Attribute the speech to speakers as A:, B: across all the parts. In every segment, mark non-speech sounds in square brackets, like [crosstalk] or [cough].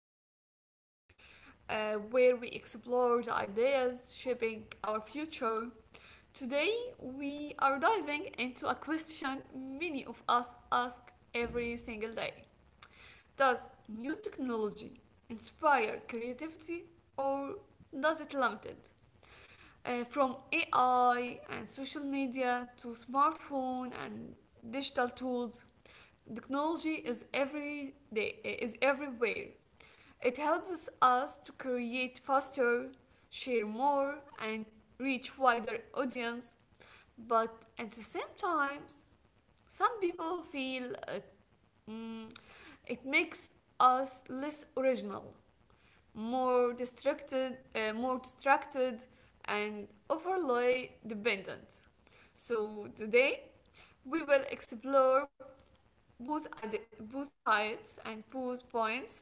A: podcast where we explore the ideas shaping our future. Today, we are diving into a question many of us ask every single day. Does new technology inspire creativity, or does it limit it? From AI and social media to smartphone and digital tools, technology is every day, is everywhere. It helps us to create faster, share more, and reach wider audience. But at the same time, some people feel mm, it makes us less original, more distracted, and overly dependent. So today we will explore both, both sides and both points,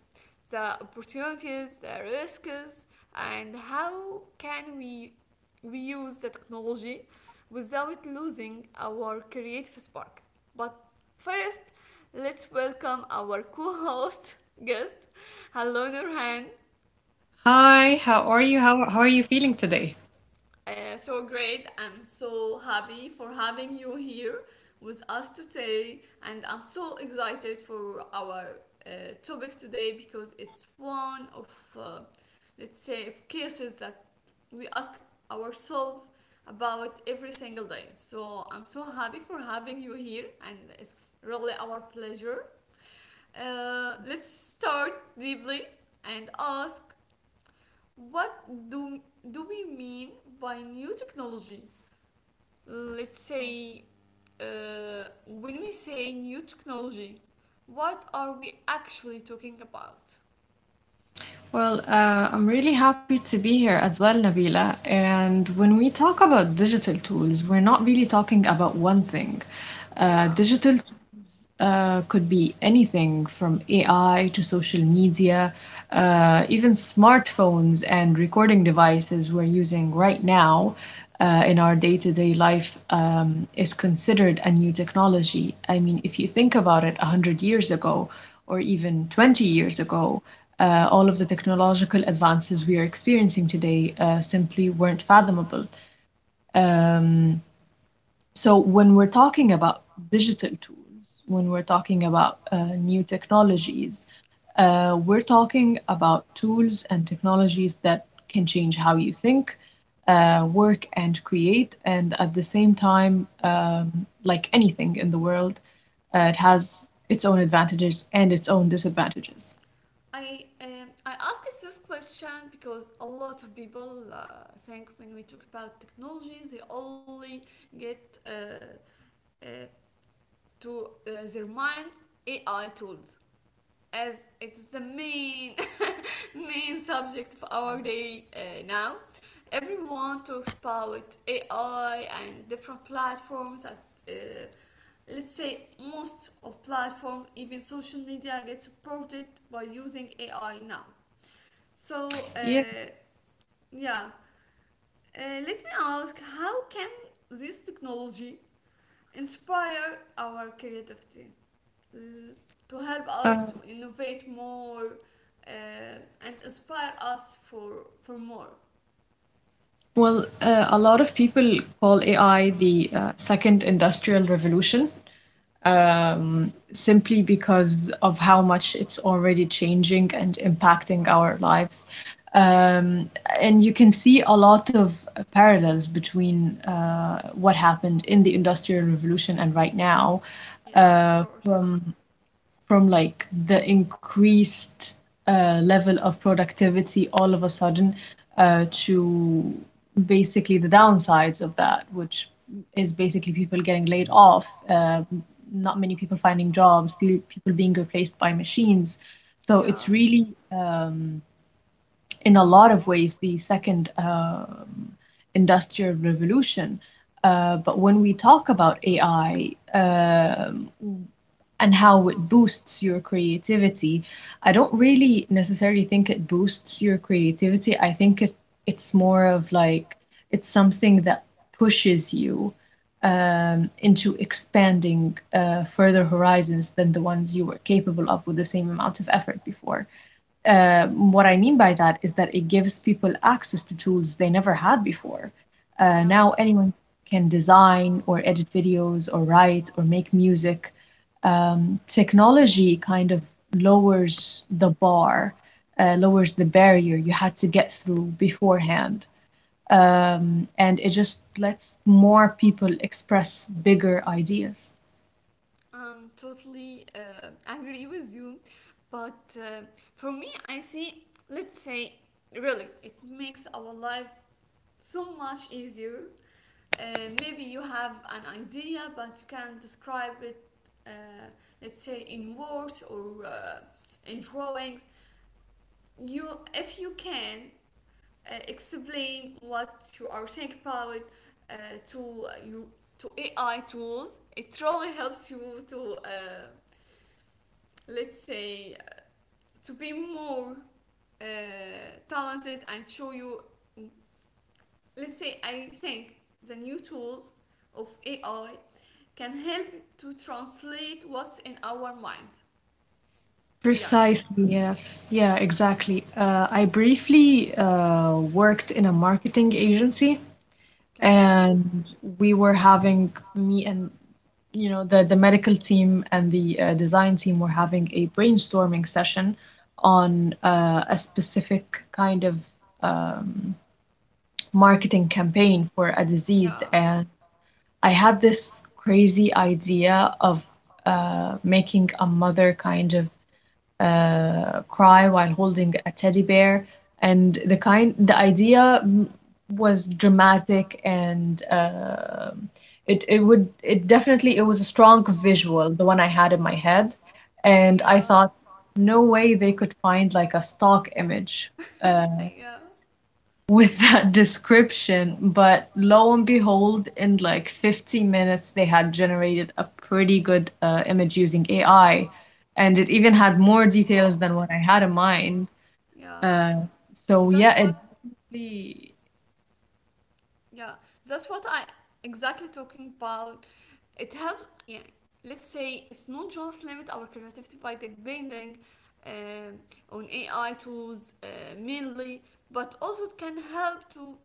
A: the opportunities, the risks, and how can we use the technology without losing our creative spark. But first, let's welcome our co-host guest. Hello, Nurhan.
B: Hi, how are you? How are you feeling today?
A: So great. I'm so happy for having you here with us today. And I'm so excited for our uh, topic today because it's one of, let's say, of cases that we ask ourselves about every single day. So I'm so happy for having you here. And it's really our pleasure. Let's start deeply and ask what do we mean by new technology, let's say, when we say new technology, what are we actually talking about?
B: Well, I'm really happy to be here as well, Nabila. And when we talk about digital tools, we're not really talking about one thing. Uh,
A: Yeah.
B: digital uh, could be anything from AI to social media, even smartphones and recording devices we're using right now in our day-to-day life is considered a new technology. I mean, if you think about it, 100 years ago or even 20 years ago, all of the technological advances we are experiencing today simply weren't fathomable. Um, so when we're talking about digital tools, when we're talking about new technologies, we're talking about tools and technologies that can change how you think, work, and create. And at the same time, like anything in the world, it has its own advantages and its own disadvantages.
A: I ask this question because a lot of people think when we talk about technologies they only get uh, to their mind AI tools, as it is the main [laughs] main subject of our day now. Everyone talks about AI and different platforms that, uh, let's say, most of platform even social media gets supported by using AI now. So
B: Yeah.
A: uh, yeah, let me ask, how can this technology inspire our creativity? uh, to help us to
B: Uh,
A: innovate more, uh, and inspire us for more.
B: a lot of people call AI the second industrial revolution. Simply because of how much it's already changing and impacting our lives. Um, and you can see a lot of parallels between what happened in the Industrial Revolution and right now,
A: Yeah, of course.
B: from like the increased level of productivity all of a sudden to basically the downsides of that, which is basically people getting laid off, not many people finding jobs, people being replaced by machines. So it's
A: Yeah,
B: really, um, in a lot of ways, the second industrial revolution. But when we talk about AI, and how it boosts your creativity. I don't really necessarily think it boosts your creativity. I think it's more of like it's something that pushes you into expanding further horizons than the ones you were capable of with the same amount of effort before. What I mean by that is that it gives people access to tools they never had before.
A: yeah.
B: Now anyone can design or edit videos or write or make music. Technology kind of lowers the bar, lowers the barrier you had to get through beforehand. And it just lets more people express bigger ideas.
A: I'm totally agree with you, but for me, I see. Let's say, really, it makes our life so much easier. Maybe you have an idea, but you can't describe it. Uh, let's say in words or in drawings. You, if you can explain what you are thinking about, uh, to you to AI tools, it really helps you to, let's say, to be more uh, talented and show you. Let's say I think the new tools of AI can help to translate what's in our mind. Yeah.
B: Precisely, yes. Yeah, exactly. I briefly worked in a marketing agency,
A: Okay.
B: and we were having me and you know the medical team and the design team were having a brainstorming session on a specific kind of um, marketing campaign for a disease.
A: Yeah.
B: And I had this crazy idea of making a mother kind of cry while holding a teddy bear, and the idea was dramatic, and it it would it definitely it was a strong visual, the one I had in my head. And I
A: Yeah.
B: thought no way they could find like a stock image uh,
A: Yeah.
B: with that [laughs] description, but lo and behold, in like 50 minutes they had generated a pretty good image using AI, and it even had more details
A: Oh.
B: than what I had in mind.
A: Yeah,
B: uh, so
A: that's
B: yeah, it
A: what.
B: really-
A: Yeah, that's what I exactly talking about. It helps. Yeah, let's say it's not just limit our creativity by depending um on AI tools, mainly, but also it can help to,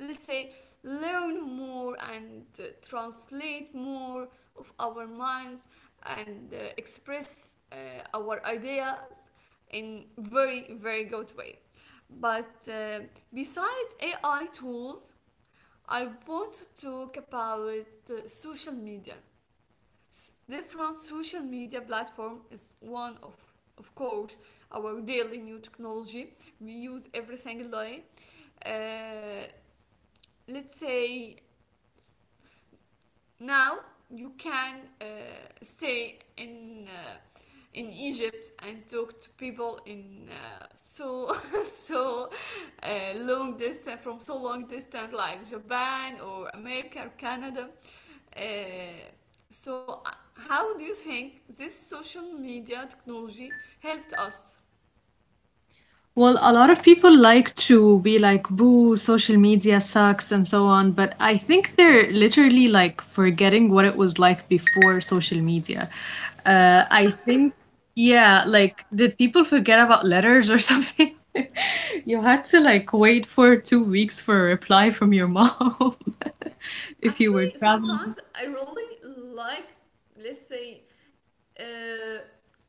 A: let's say, learn more and translate more of our minds, and express our ideas in very very good way. But besides AI tools, I want to talk about social media. Different social media platform is one of course, our daily new technology we use every single day. uh, let's say, now you can stay in Egypt and talk to people in so [laughs] so long distance, like Japan or America or Canada. Uh, how do you think this social media technology helped us?
B: well, a lot of people like to be like, "Boo, social media sucks" and so on, but I think they're literally like forgetting what it was like before social media.
A: Yeah,
B: I think, yeah, like, did people forget about letters or something? [laughs] You had to like wait for 2 weeks for a reply from your mom
A: yeah.
B: [laughs] if you were
A: Actually,
B: traveling.
A: sometimes I really like, let's say, uh,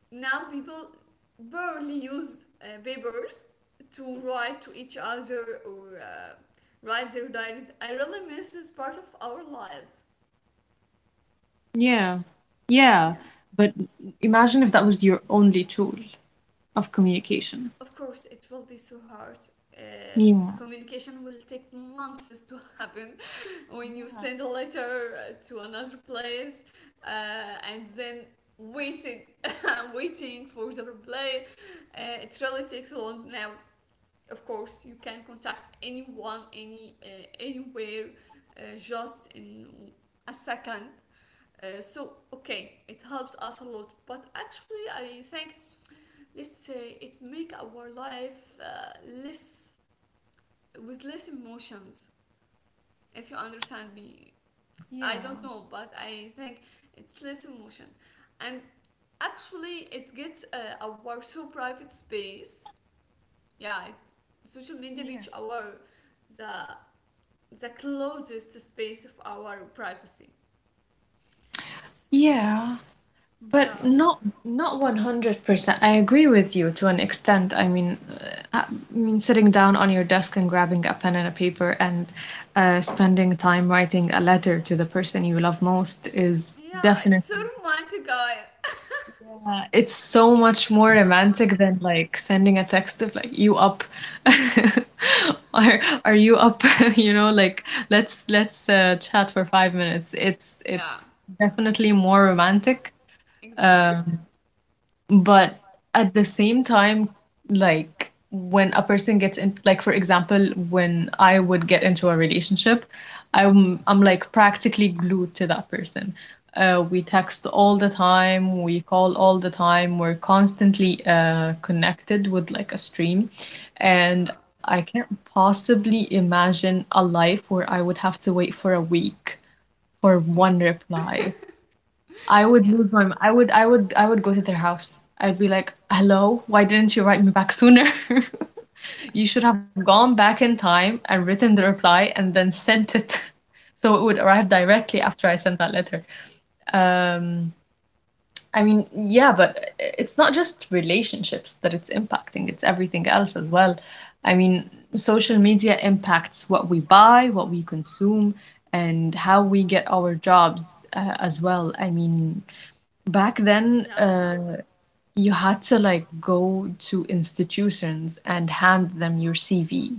A: now people barely use papers to write to each other or write their diaries. I really miss this part of our lives.
B: Yeah, yeah.
A: Yeah.
B: But imagine if that was your only tool of communication.
A: Of course, it will be so hard. Uh,
B: Yeah.
A: Communication will take months to happen [laughs] when you send a letter to another place, and then waiting [laughs] waiting for the reply. It really takes a long now. Of course, you can contact anyone, anywhere, just in a second. Okay, it helps us a lot. But actually, I think, let's say, it make our life less, with less emotions. If you understand me, I
B: Yeah.
A: don't know, but I think it's less emotion, and actually, it gets our so private space. Yeah, social media
B: Yeah.
A: reach our the closest space of our privacy. S-
B: Yeah, but
A: yeah.
B: not 100%. I agree with you to an extent. I mean, uh, I mean, sitting down on your desk and grabbing a pen and a paper and spending time writing a letter to the person you love most is
A: Yeah, it's so
B: definitely—
A: romantic, guys.
B: yeah, it's so much more romantic than like sending a text of like "you up" [laughs] or "are you up" [laughs] you know, like let's chat for five minutes it's
A: [laughs] Yeah,
B: it's definitely more romantic.
A: exactly.
B: um but at the same time, like when a person gets in, like for example, when I would get into a relationship, I'm like practically glued to that person. We text all the time, we call all the time, we're constantly connected with like a stream.
A: Yeah.
B: And I can't possibly imagine a life where I would have to wait for a week for
A: Yeah.
B: one reply.
A: [laughs]
B: I would
A: Yeah.
B: lose my m- I would go to their house. I'd be like, "Hello, why didn't you write me back sooner? [laughs]
A: Yeah.
B: You should have gone back in time and written the reply and then sent it." [laughs] So it would arrive directly after I sent that letter. Um, I mean, yeah, but it's not just relationships that it's impacting, it's everything else as well. I mean, social media impacts what we buy, what we consume, and how we get our jobs as well. I mean, back then,
A: Yeah,
B: you had to like go to institutions and hand them your CV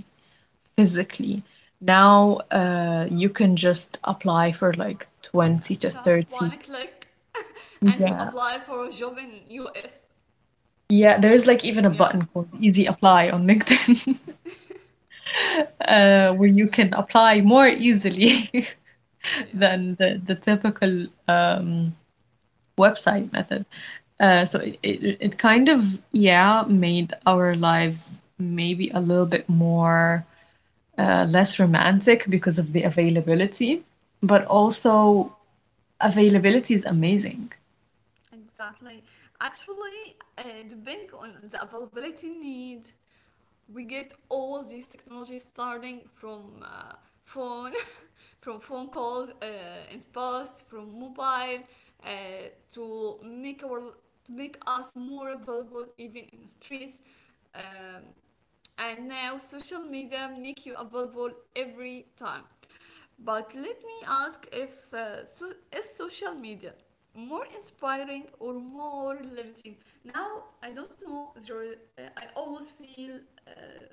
B: physically. Now, you can just apply for like
A: yeah,
B: 20 to
A: just one
B: 30.
A: click [laughs] and you
B: Yeah.
A: apply for a job in US.
B: Yeah, there's like even a
A: Yeah.
B: button called Easy Apply on LinkedIn,
A: [laughs]
B: [laughs] where you can apply more easily. [laughs]
A: Yeah.
B: Than the typical website method. So it kind of yeah made our lives maybe a little bit more less romantic because of the availability, but also availability is amazing.
A: Exactly. Actually, depending on the availability need, we get all these technologies starting from phone, [laughs] from phone calls in past, from mobile, uh, to make our to make us more available even in the streets. Um, and now social media make you available every time. But let me ask, if so, is social media more inspiring or more limiting? Now I don't know. I always feel. Uh,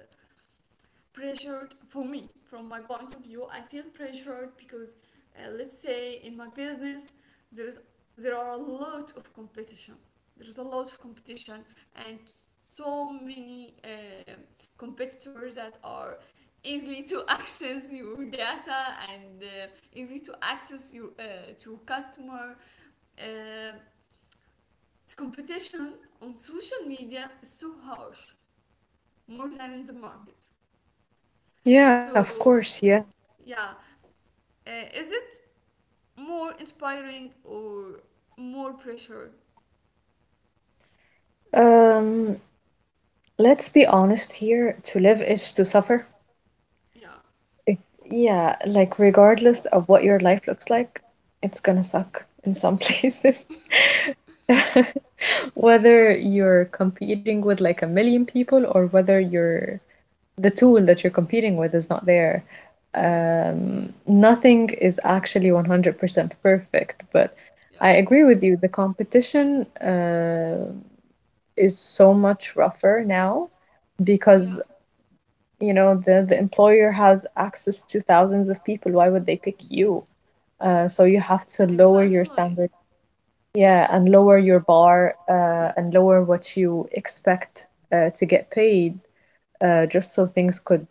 A: pressured. For me, from my point of view, I feel pressured because, let's say, in my business, there is there are a lot of competition there's a lot of competition, and so many competitors that are easily to [laughs] access your data, and easily to access your to customer. Uh, it's competition on social media is so harsh, more than in the market.
B: Yeah, of
A: So
B: course, yeah.
A: yeah. Is it more inspiring or more pressure?
B: Um, let's be honest here, to live is to suffer.
A: Yeah,
B: It- Yeah, like regardless of what your life looks like, it's gonna suck in some [laughs] places. [laughs] Whether you're competing with like a million people or whether you're— the tool that you're competing with is not there. Nothing is actually 100% perfect, but
A: yeah,
B: I agree with you. The competition is so much rougher now
A: yeah.
B: because, you know, the employer has access to thousands of people. Why would they pick you? So you have to lower your
A: Exactly.
B: standard, yeah, and lower your bar, and lower what you expect to get paid, just so things could,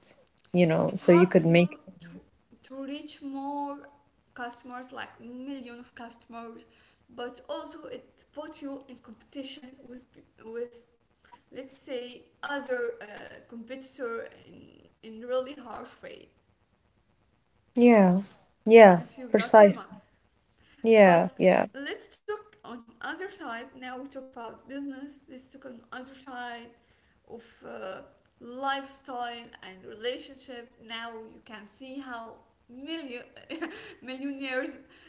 B: you know,
A: It
B: so you
A: helps
B: could
A: you
B: make—
A: to to reach more customers, like million of customers, but also it puts you in competition with with, let's say, other competitor in really harsh way.
B: Yeah. Yeah.
A: If you got my mind.
B: Precisely. Yeah.
A: But
B: Yeah.
A: let's talk on other side. Now we talk about business. Let's talk on other side of lifestyle and relationship. Now you can see how million millionaires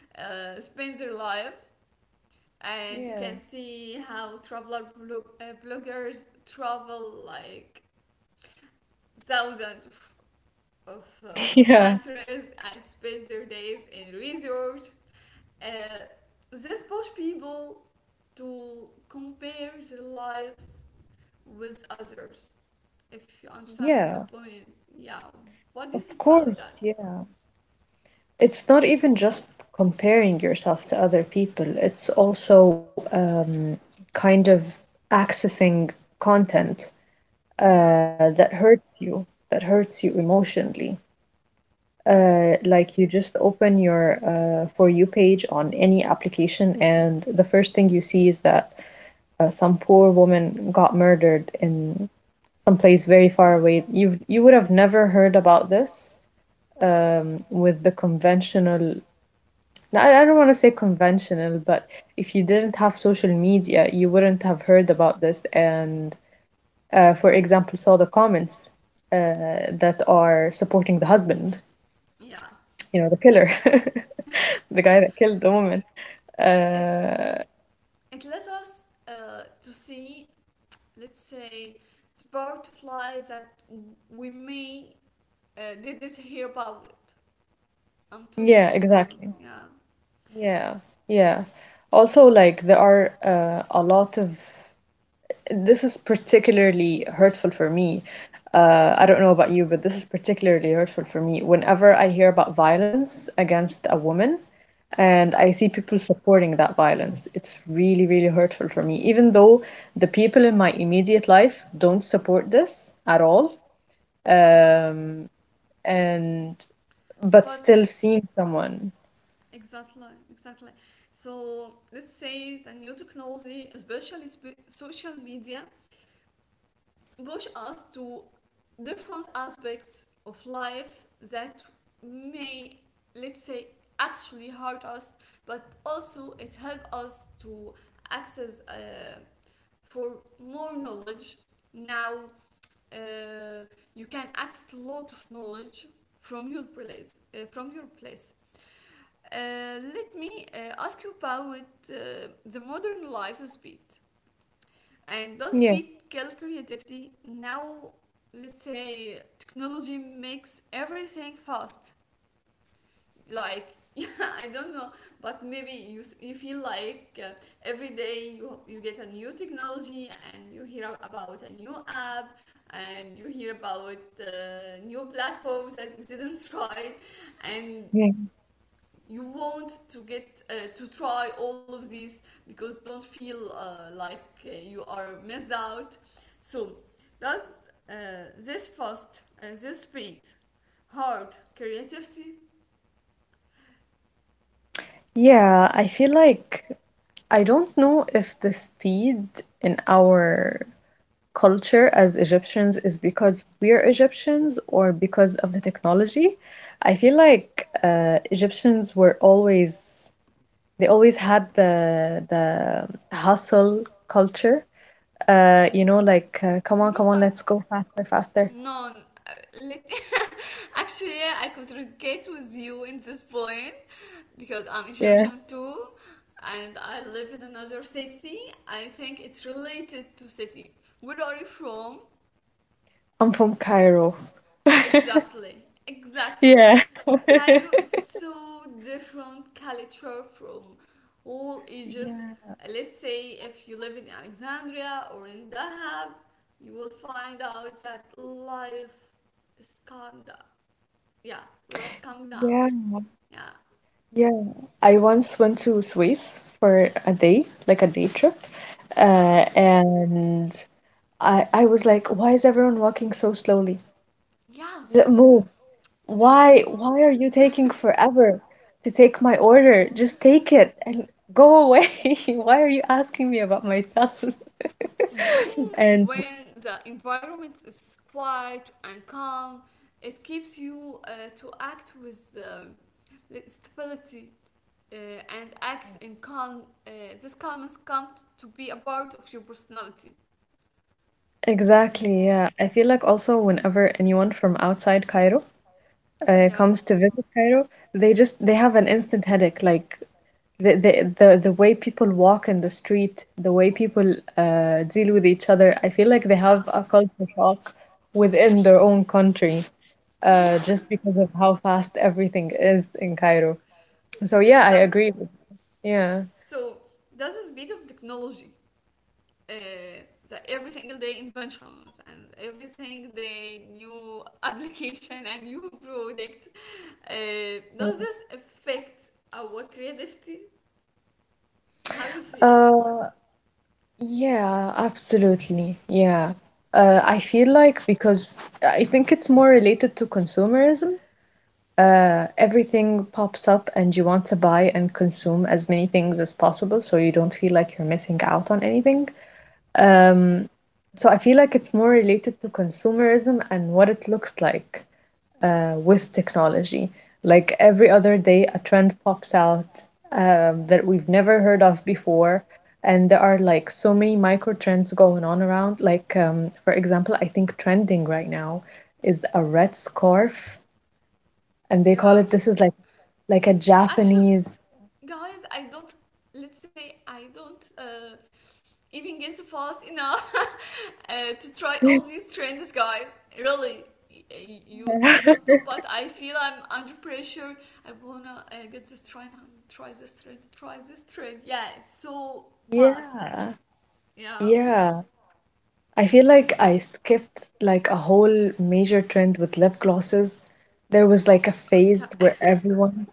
A: spend their life, and you
B: Yeah.
A: can
B: [laughs]
A: see how traveler bloggers travel like thousands of of uh,
B: Yeah.
A: countries and spend their days in resorts. Uh, this push people to compare their life with others. If you understand my
B: Yeah.
A: point, yeah. What do you
B: Of
A: think about that?
B: course. Yeah. It's not even just comparing yourself to other people. It's also kind of accessing content
A: Yeah.
B: that hurts you emotionally.
A: Mm.
B: Like you just open your For You page on any application, and the first thing you see is that some poor woman got murdered in some place very far away. You would have never heard about this with the conventional. I don't want to say conventional, but if you didn't have social media, you wouldn't have heard about this. And for example, saw the comments that are supporting the husband,
A: Yeah.
B: you know, the killer, [laughs] the guy that killed the woman.
A: It
B: Uh,
A: it lets us to see, let's say, it's part of life that we may didn't hear about it. I'm totally
B: yeah,
A: with you.
B: exactly.
A: Yeah.
B: Yeah, yeah. Also, like there are a lot of this is particularly hurtful for me. I don't know about you, but this is particularly hurtful for me. Whenever I hear about violence against a woman and
A: Yeah.
B: I see people supporting that violence, it's really, really hurtful for me. Even though the people in my immediate life don't support this at all,
A: Yeah.
B: um, and but
A: But
B: still seeing someone.
A: exactly, exactly. So let's say the new technology, especially social media, push us to different aspects of life that may, let's say, actually hurt us, but also it help us to access for more knowledge. Now uh, you can access a lot of knowledge from your place. Let me ask you about uh, the modern life speed. And does
B: Yeah.
A: speed kill creativity? Now, let's say technology makes everything fast, like [laughs] yeah, I don't know, but maybe you you feel like every day you get a new technology and you hear about a new app, and you hear about new platforms that you didn't [laughs] try, and
B: Yeah,
A: you want to get to try all of these because don't feel you are missed out. So does this speed hard creativity?
B: Yeah, I feel like— I don't know if the speed in our culture as Egyptians is because we're Egyptians or because of the technology. I feel like Egyptians were always— they always had the hustle culture. You know, like come on,
A: Not
B: come
A: to
B: on, let's go faster, faster.
A: no. n- uh, Let [laughs] Actually, yeah, I contradicate with you in this point, because I'm
B: Yeah,
A: Egyptian too, and I live in another city. I think it's related to city. Where are you from?
B: I'm from Cairo. [laughs]
A: Exactly, exactly.
B: Yeah.
A: Cairo is
B: [laughs]
A: so different culture from all Egypt.
B: Yeah.
A: Let's say if you live in Alexandria or in Dahab, you will find out that life is calmed down. Yeah, life's calmed down.
B: Yeah,
A: Yeah,
B: Yeah, I once went to Swiss for a day, like a day trip,
A: yeah,
B: and I was like, why is everyone walking so slowly?
A: yeah.
B: Move!
A: It's
B: Why are you taking forever
A: [laughs]
B: to take my order? Just take it and go away. [laughs] Why are you asking me about myself?
A: when
B: [laughs] And
A: when the environment is quiet and calm, it keeps you to act with, like, stability, uh, and act in calm. This calmness comes to be a part of your personality.
B: exactly, yeah. I feel like also whenever anyone from outside Cairo
A: Yeah,
B: comes to visit Cairo, they just they have an instant headache. Like the way people walk in the street, the way people deal with each other, I feel like they have a culture shock within their own country,
A: yeah.
B: just because of how fast everything is in Cairo.
A: [laughs]
B: So yeah, I
A: Exactly.
B: agree with— yeah.
A: So that's the beauty of technology, uh, every single day inventions and every single day new [laughs] application and new product. Does this affect our creativity? How you feel?
B: Uh, yeah, absolutely. Yeah. I feel like because I think it's more related to consumerism. Everything pops up and you want to buy and consume as many things as possible so you don't feel like you're missing out on anything.
A: Yeah.
B: So I feel like it's more related to consumerism and what it looks like with technology. Like every other day, a trend pops out that we've never heard of before, and there are like so many micro trends going on around. Like, for example, I think trending right now is a red scarf, and they call it
A: Yeah.
B: this is like a
A: Actually,
B: Japanese.
A: guys, I don't. Let's say I don't even gets fast enough [laughs] to try
B: Yeah.
A: all these trends, guys. Really, you. I
B: [laughs]
A: don't know, but I feel I'm under pressure. I wanna get this trend, try this trend, try this trend. Yeah, it's so fast.
B: Yeah.
A: Yeah.
B: Yeah. I feel like I skipped like a whole major trend with lip glosses. There was like a phase where
A: Okay. [laughs]
B: everyone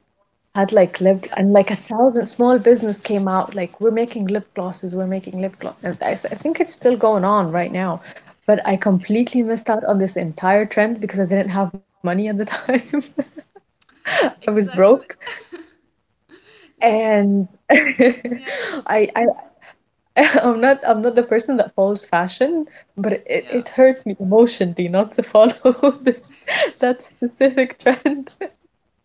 B: had like lip
A: Yeah.
B: and like a thousand small business came out like we're making lip glosses, we're making lip gloss. And I think it's still going on right now. But I completely missed out on this entire trend because I didn't have money at the time. [laughs] I was broke
A: Exactly. Let's.
B: and [laughs]
A: Yeah.
B: I [laughs] I'm not the person that follows fashion, but it,
A: Yeah.
B: it hurt me emotionally not to follow [laughs] this that specific trend.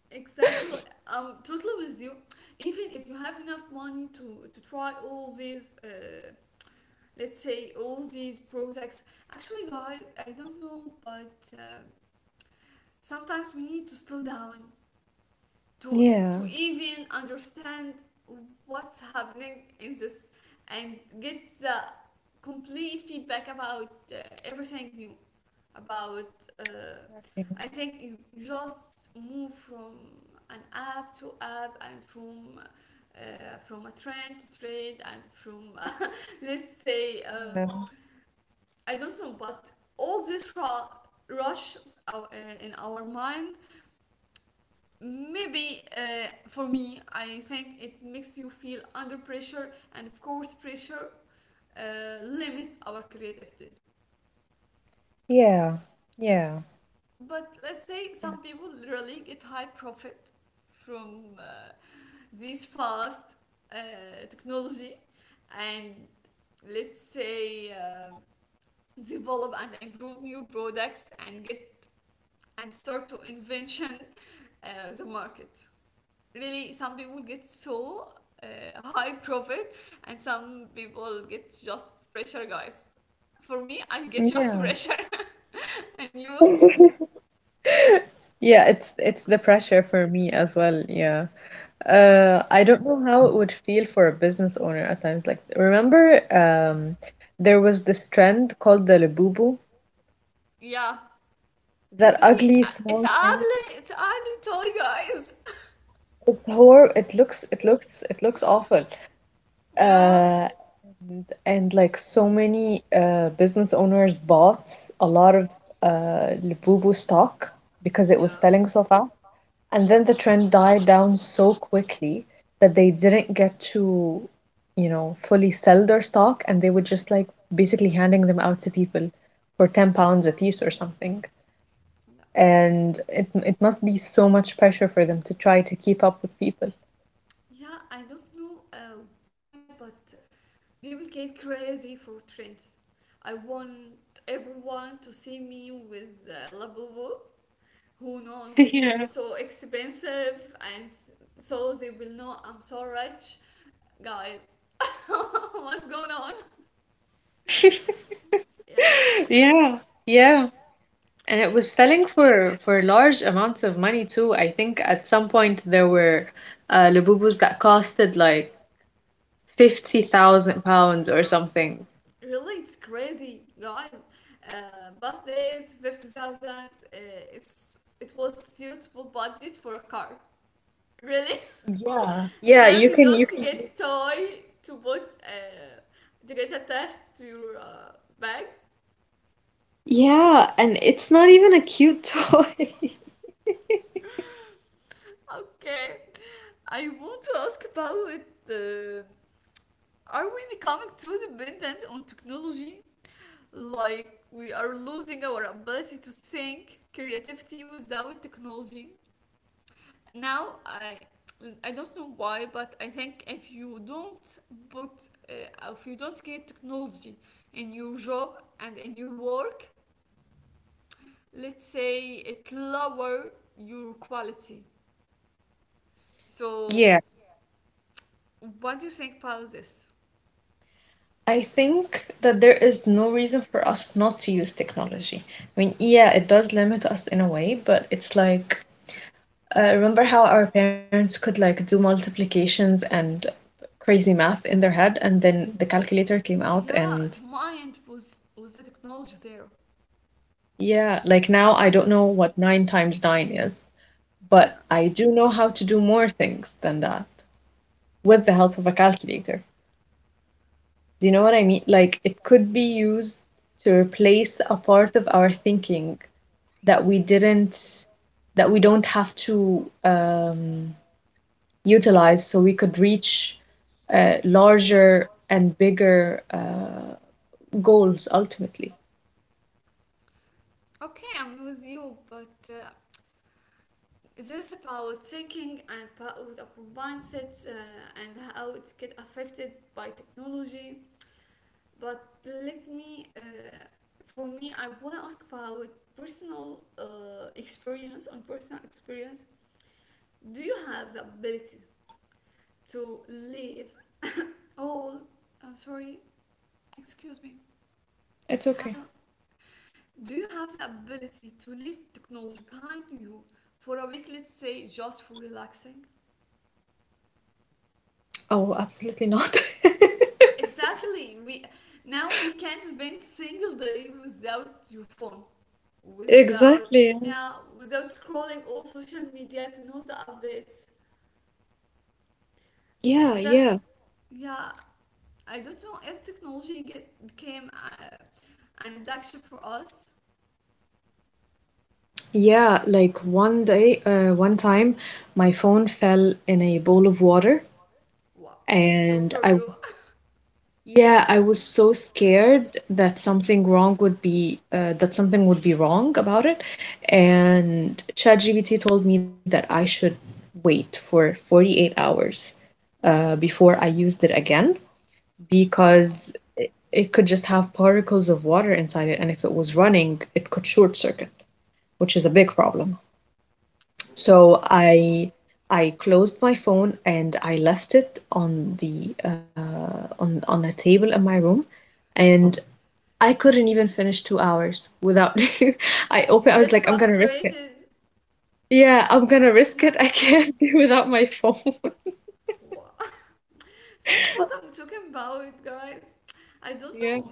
A: Exactly. I'm totally with you. Even if you have enough money to try all these, let's say all these products. Actually, guys, I don't know, but sometimes we need to slow down to to
B: Yeah.
A: even understand what's happening in this and get the complete feedback about everything new about uh,
B: Yeah.
A: I think you just move from an app to app and from a trend to trend and from [laughs] let's say I don't know but all this raw rushes in our mind, maybe for me I think it makes you feel under pressure, and of course pressure limits our creativity.
B: Yeah. Yeah.
A: But let's say some people literally get high profit from these fast technology and let's say develop and improve new products and get and start to invention the market. Really, some people get so uh, high profit and some people get just pressure, guys. For me, I get just
B: Yeah.
A: pressure, [laughs] and you,
B: Yeah, it's the pressure for me as well. Yeah.
A: yeah.
B: I don't know how it would feel for a business owner at times. Like, remember, um, there was this trend called the Labubu,
A: Yeah,
B: that
A: really,
B: ugly
A: it's
B: small thing.
A: ugly. It's an ugly toy, guys.
B: It's horrible. It looks awful.
A: [laughs] Yeah,
B: Uh, and like so many business owners bought a lot of Labubu stock because it was
A: yeah,
B: selling so fast. And then the trend died down so quickly that they didn't get to, you know, fully sell their stock and they were just like basically handing them out to people for 10 pounds a piece or something.
A: yeah,
B: And it must be so much pressure for them to try to keep up with people.
A: yeah. I don't know why, but people get crazy for trends. I want everyone to see me with Labubu. Who knows? It's so expensive, and so they will know I'm so rich, guys. [laughs] What's going on?
B: [laughs]
A: [laughs] Yeah.
B: Yeah, yeah. And it was selling for large amounts of money too. I think at some point there were Lububus that costed like 50,000 pounds or something.
A: Really, it's crazy, guys. Bus days, 50,000. It was suitable budget for a car. Really?
B: Yeah.
A: [laughs]
B: Yeah,
A: Now you
B: you can
A: just
B: you can
A: get a toy to get attached to your bag.
B: Yeah, and it's not even a cute toy. [laughs]
A: [laughs] Okay. I want to ask about, uh, are we becoming too dependent on technology? Like we are losing our ability to think creativity without technology? Now I don't know why, but I think if you don't get technology in your job and in your work, let's say it lower your quality. So
B: Yeah,
A: what do you think about this?
B: I think that there is no reason for us not to use technology. I mean, yeah, it does limit us in a way, but it's like remember how our parents could like do multiplications and crazy math in their head, and then the calculator came out,
A: Yeah,
B: and
A: the mind was the technology there.
B: yeah, like now
A: Yeah.
B: I don't know what 9 times 9 is,
A: Yeah.
B: but I do know how to do more things than that with the help of a calculator. Do you know what I mean? Like it could be used to replace a part of our thinking that we didn't, that we don't have to utilized so we could reach larger and bigger goals ultimately.
A: Okay, I'm with you, but Is this is about thinking and about our mindset, and how it get affected by technology? But for me, I want to ask about personal experience. On personal experience, do you have the ability to live all? I'm sorry, excuse me.
B: It's okay.
A: How do you have the ability to leave technology behind you for a week? Let's say just for relaxing.
B: Oh, absolutely not. [laughs]
A: Exactly. We now we can't spend single day without your phone, without
B: Exactly.
A: yeah, without scrolling all social media to know the updates.
B: Yeah,
A: That's
B: yeah.
A: yeah. I don't know if technology get became an addiction for us.
B: Yeah, like one day, one time, my phone fell in a bowl of water,
A: Wow. So for
B: and
A: you.
B: I Yeah, I was so scared that
A: [laughs] Um,
B: something wrong would be that something would be wrong about it, and ChatGPT told me that I should wait for 48 hours before I used it again
A: Okay.
B: because it could just have particles of water inside it, and if it was running, it could short circuit, which is a big problem.
A: Oh.
B: So I closed my phone and I left it on the on a table in my room. And I couldn't even finish 2 hours without [laughs] I
A: You
B: was
A: get
B: like, I'm gonna risk it.
A: frustrated.
B: Yeah, I'm gonna risk it. [laughs] I
A: Yeah.
B: can't be without my phone. [laughs]
A: Wow. [laughs] That's what I'm talking about, guys. I don't
B: Yeah.
A: know.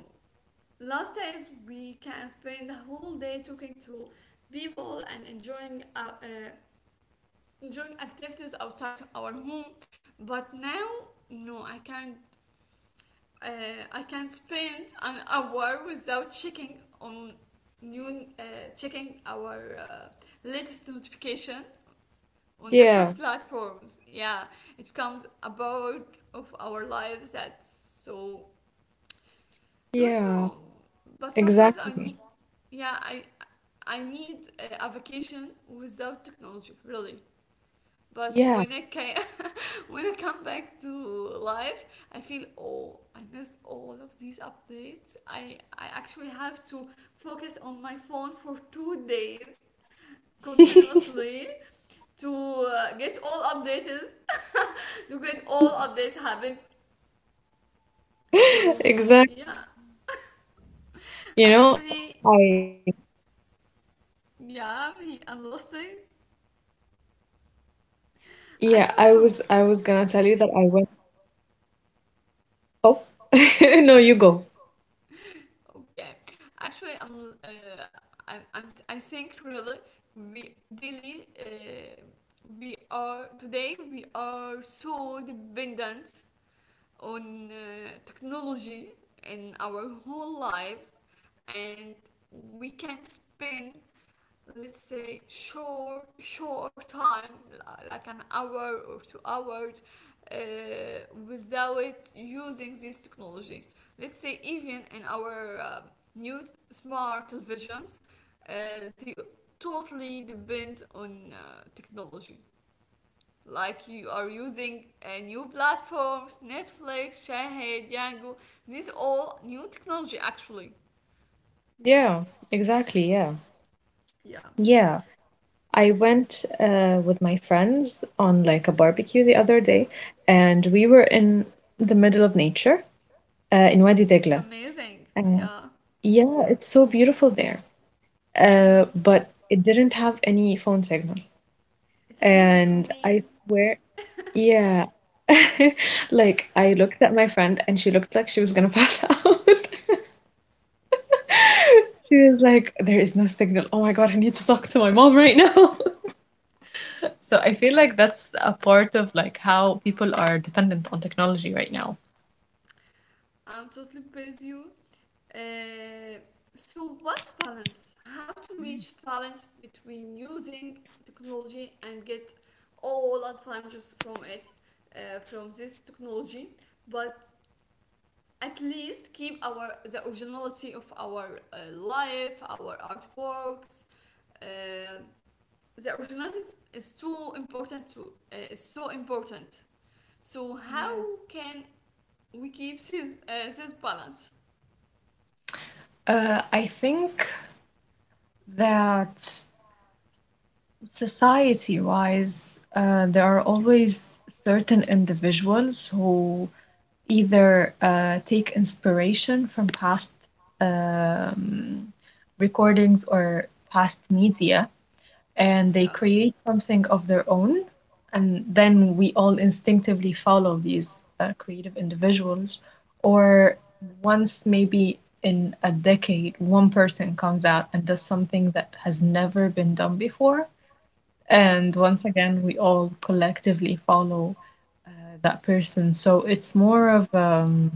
A: Last days we can spend the whole day talking to people and enjoying enjoying activities outside our home, but now no, I can't. I can spend an hour without checking on new checking our latest notification on different
B: Yeah.
A: platforms. Yeah, it becomes a part of our lives, that's so. Don't know,
B: Yeah.
A: but sometimes I need,
B: Exactly.
A: yeah, I need a vacation without technology, really. But when I can,
B: Yeah.
A: [laughs] when I come back to life, I feel, oh, I missed all of these updates. I actually have to focus on my phone for 2 days continuously
B: [laughs]
A: to get all updates, [laughs] to get all updates happened. So yeah,
B: Exactly.
A: actually,
B: You know, I
A: yeah, I'm listening. Actually,
B: yeah,
A: for
B: I was gonna tell you that I went oh [laughs] no, you go.
A: okay, actually, I'm, I'm I think really we daily we are today we are so dependent on technology in our whole life, and we can not spend, let's say, short time like an hour or 2 hours, uh, without using this technology, let's say even in our new smart televisions, uh, they totally depend on technology, like you are using new platforms, netflix, shahid, yango, these all new technology actually.
B: Yeah, exactly, yeah.
A: Yeah,
B: Yeah. I went with my friends on like a barbecue the other day and we were in the middle of nature in Wadi
A: oh,
B: Degla.
A: it's amazing.
B: Uh,
A: Yeah,
B: yeah, it's so beautiful there,
A: yeah,
B: but it didn't have any phone signal.
A: it's amazing for
B: And I
A: me.
B: swear, yeah, [laughs] like I looked at my friend and she looked like she was gonna pass out. [laughs] She was like, there is no signal. Oh my God, I need to talk to my mom right now. [laughs] So I feel like that's a part of like how people are dependent on technology right now.
A: I'm totally praise you. Uh, so what's balance? How to reach balance between using technology and get all advantages from it, from this technology, but at least keep our the originality of our life, our artworks. Uh, the originality is so important. So
B: Yeah.
A: how can we keeps his balance.
B: I think that society wise, there are always certain individuals who either take inspiration from past um, recordings or past media and they
A: Yeah,
B: create something of their own. And then we all instinctively follow these creative individuals. Or once maybe in a decade, one person comes out and does something that has never been done before
A: yeah.
B: and once again, we all collectively follow that person. So it's more of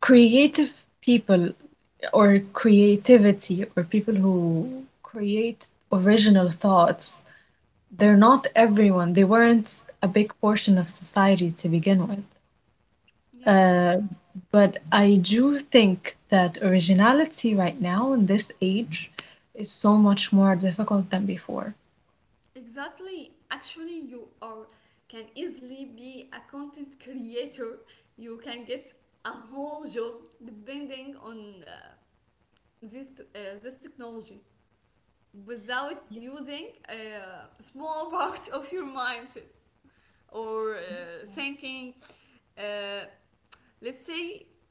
B: creative people or creativity or people who create original thoughts. They're not everyone, they weren't a big portion of society to begin with.
A: Yeah,
B: Uh, but I do think that originality right now in this age is so much more difficult than before.
A: exactly. Actually, you are can easily be a content creator. You can get a whole job depending on this technology without using a small [laughs] part of your mindset or thinking. Uh, let's say,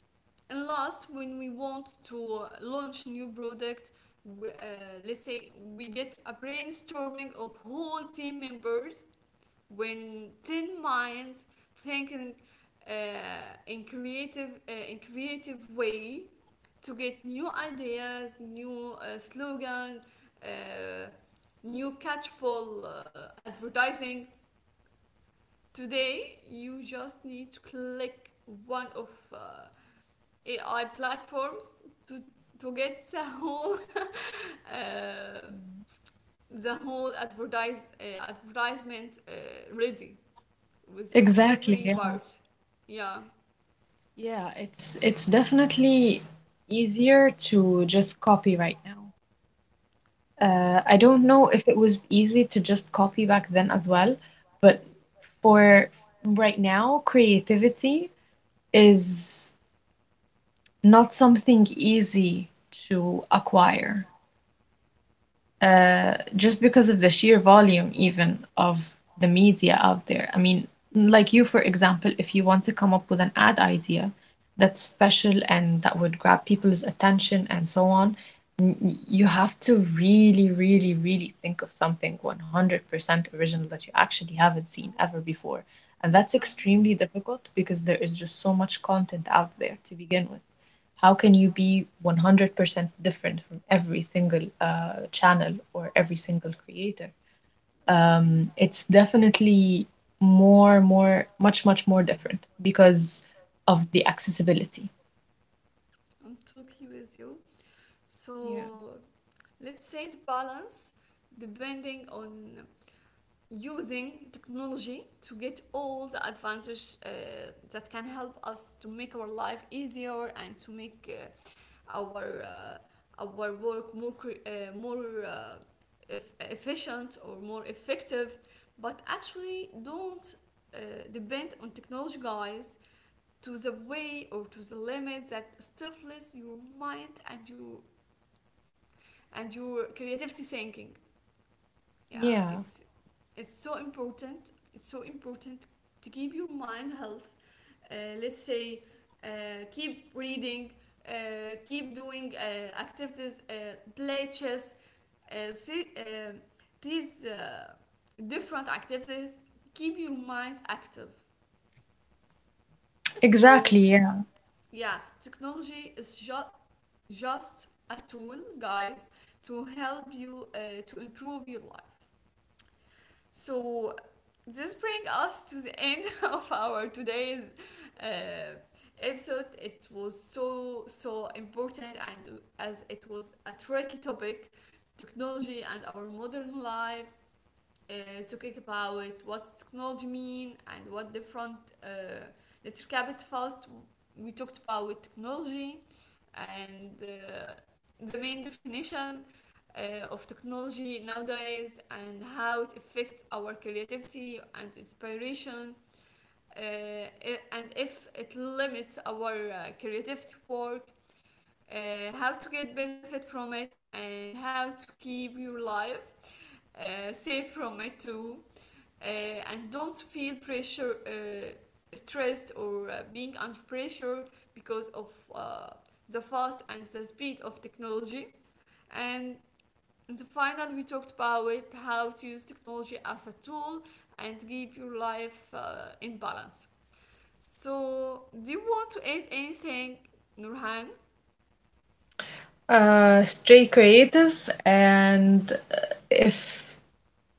A: and last, when we want to launch a new product, we, let's say we get a brainstorming of whole team members, when 10 minds thinking, uh, in creative way, to get new ideas, new slogan, uh, new catchpole, advertising. Today you just need to click one of AI platforms to get the whole [laughs] uh, the whole advertisement ready with
B: Exactly,
A: every
B: yeah.
A: part. Yeah,
B: Yeah, it's definitely easier to just copy right now. I don't
A: exactly.
B: know if it was easy to just copy back then as well, but for right now, creativity is not something easy to acquire. Uh, just because of the sheer volume, even of the media out there. I mean, like you, for example, if you want to come up with an ad idea that's special and that would grab people's attention and so on, you have to really, really, really think of something 100% original that you actually haven't seen ever before. And that's
A: Exactly.
B: extremely difficult because there is just so much content out there to begin with. How can you be 100% different from every single channel or every single creator? It's definitely much more different because of the accessibility.
A: I'm totally with you.
B: Yeah.
A: So let's say it's balance depending on using technology to get all the advantage that can help us to make our life easier and to make our work more efficient or more effective, but actually don't uh, depend on technology, guys, to the way or to the limit that stifles your mind and your creativity thinking, yeah,
B: Yeah,
A: it's is so important. It's so important to keep your mind health. Uh, let's say, keep reading, keep doing activities, play chess, see, these different activities keep your mind active.
B: exactly.
A: So
B: Yeah.
A: yeah, technology is just a tool, guys, to help you to improve your life. So this brings us to the end [laughs] of our today's uh, episode. It was so so important, and as it was a tricky topic, technology and our modern life, to kick about what's technology mean and what different, uh, let's recap it first. We talked about technology and the main definition of technology nowadays and how it affects our creativity and inspiration, and if it limits our creativity work, how to get benefit from it and how to keep your life safe from it too, and don't feel pressure, stressed, or being under pressure because of the fast and the speed of technology. And in the final, we talked about it, how to use technology as a tool and keep your life in balance. So, do you want to add anything, Nurhan?
B: Stay creative, and if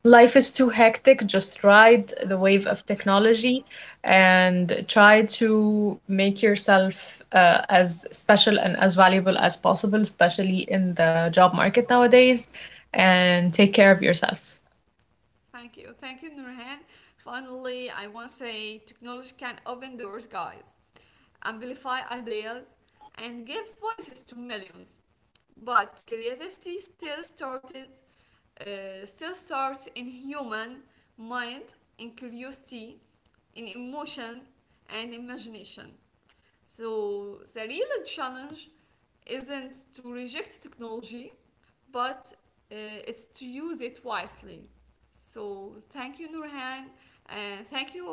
B: life is too hectic, just ride the wave of technology and try to make yourself as special and as valuable as possible, especially in the job market nowadays, and take care of yourself.
A: Thank you, Nurhan. Finally, I want to say technology can open doors, guys, amplify ideas, and give voices to millions. But creativity still starts in human mind, in curiosity, in emotion, and imagination. So the real challenge isn't to reject technology, but uh, it's to use it wisely. So thank you, Nurhan, and thank you,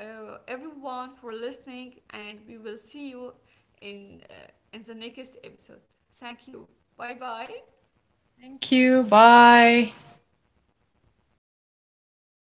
A: everyone, for listening. And we will see you in uh, in the next episode. Thank you. Bye bye.
B: Thank you. Bye.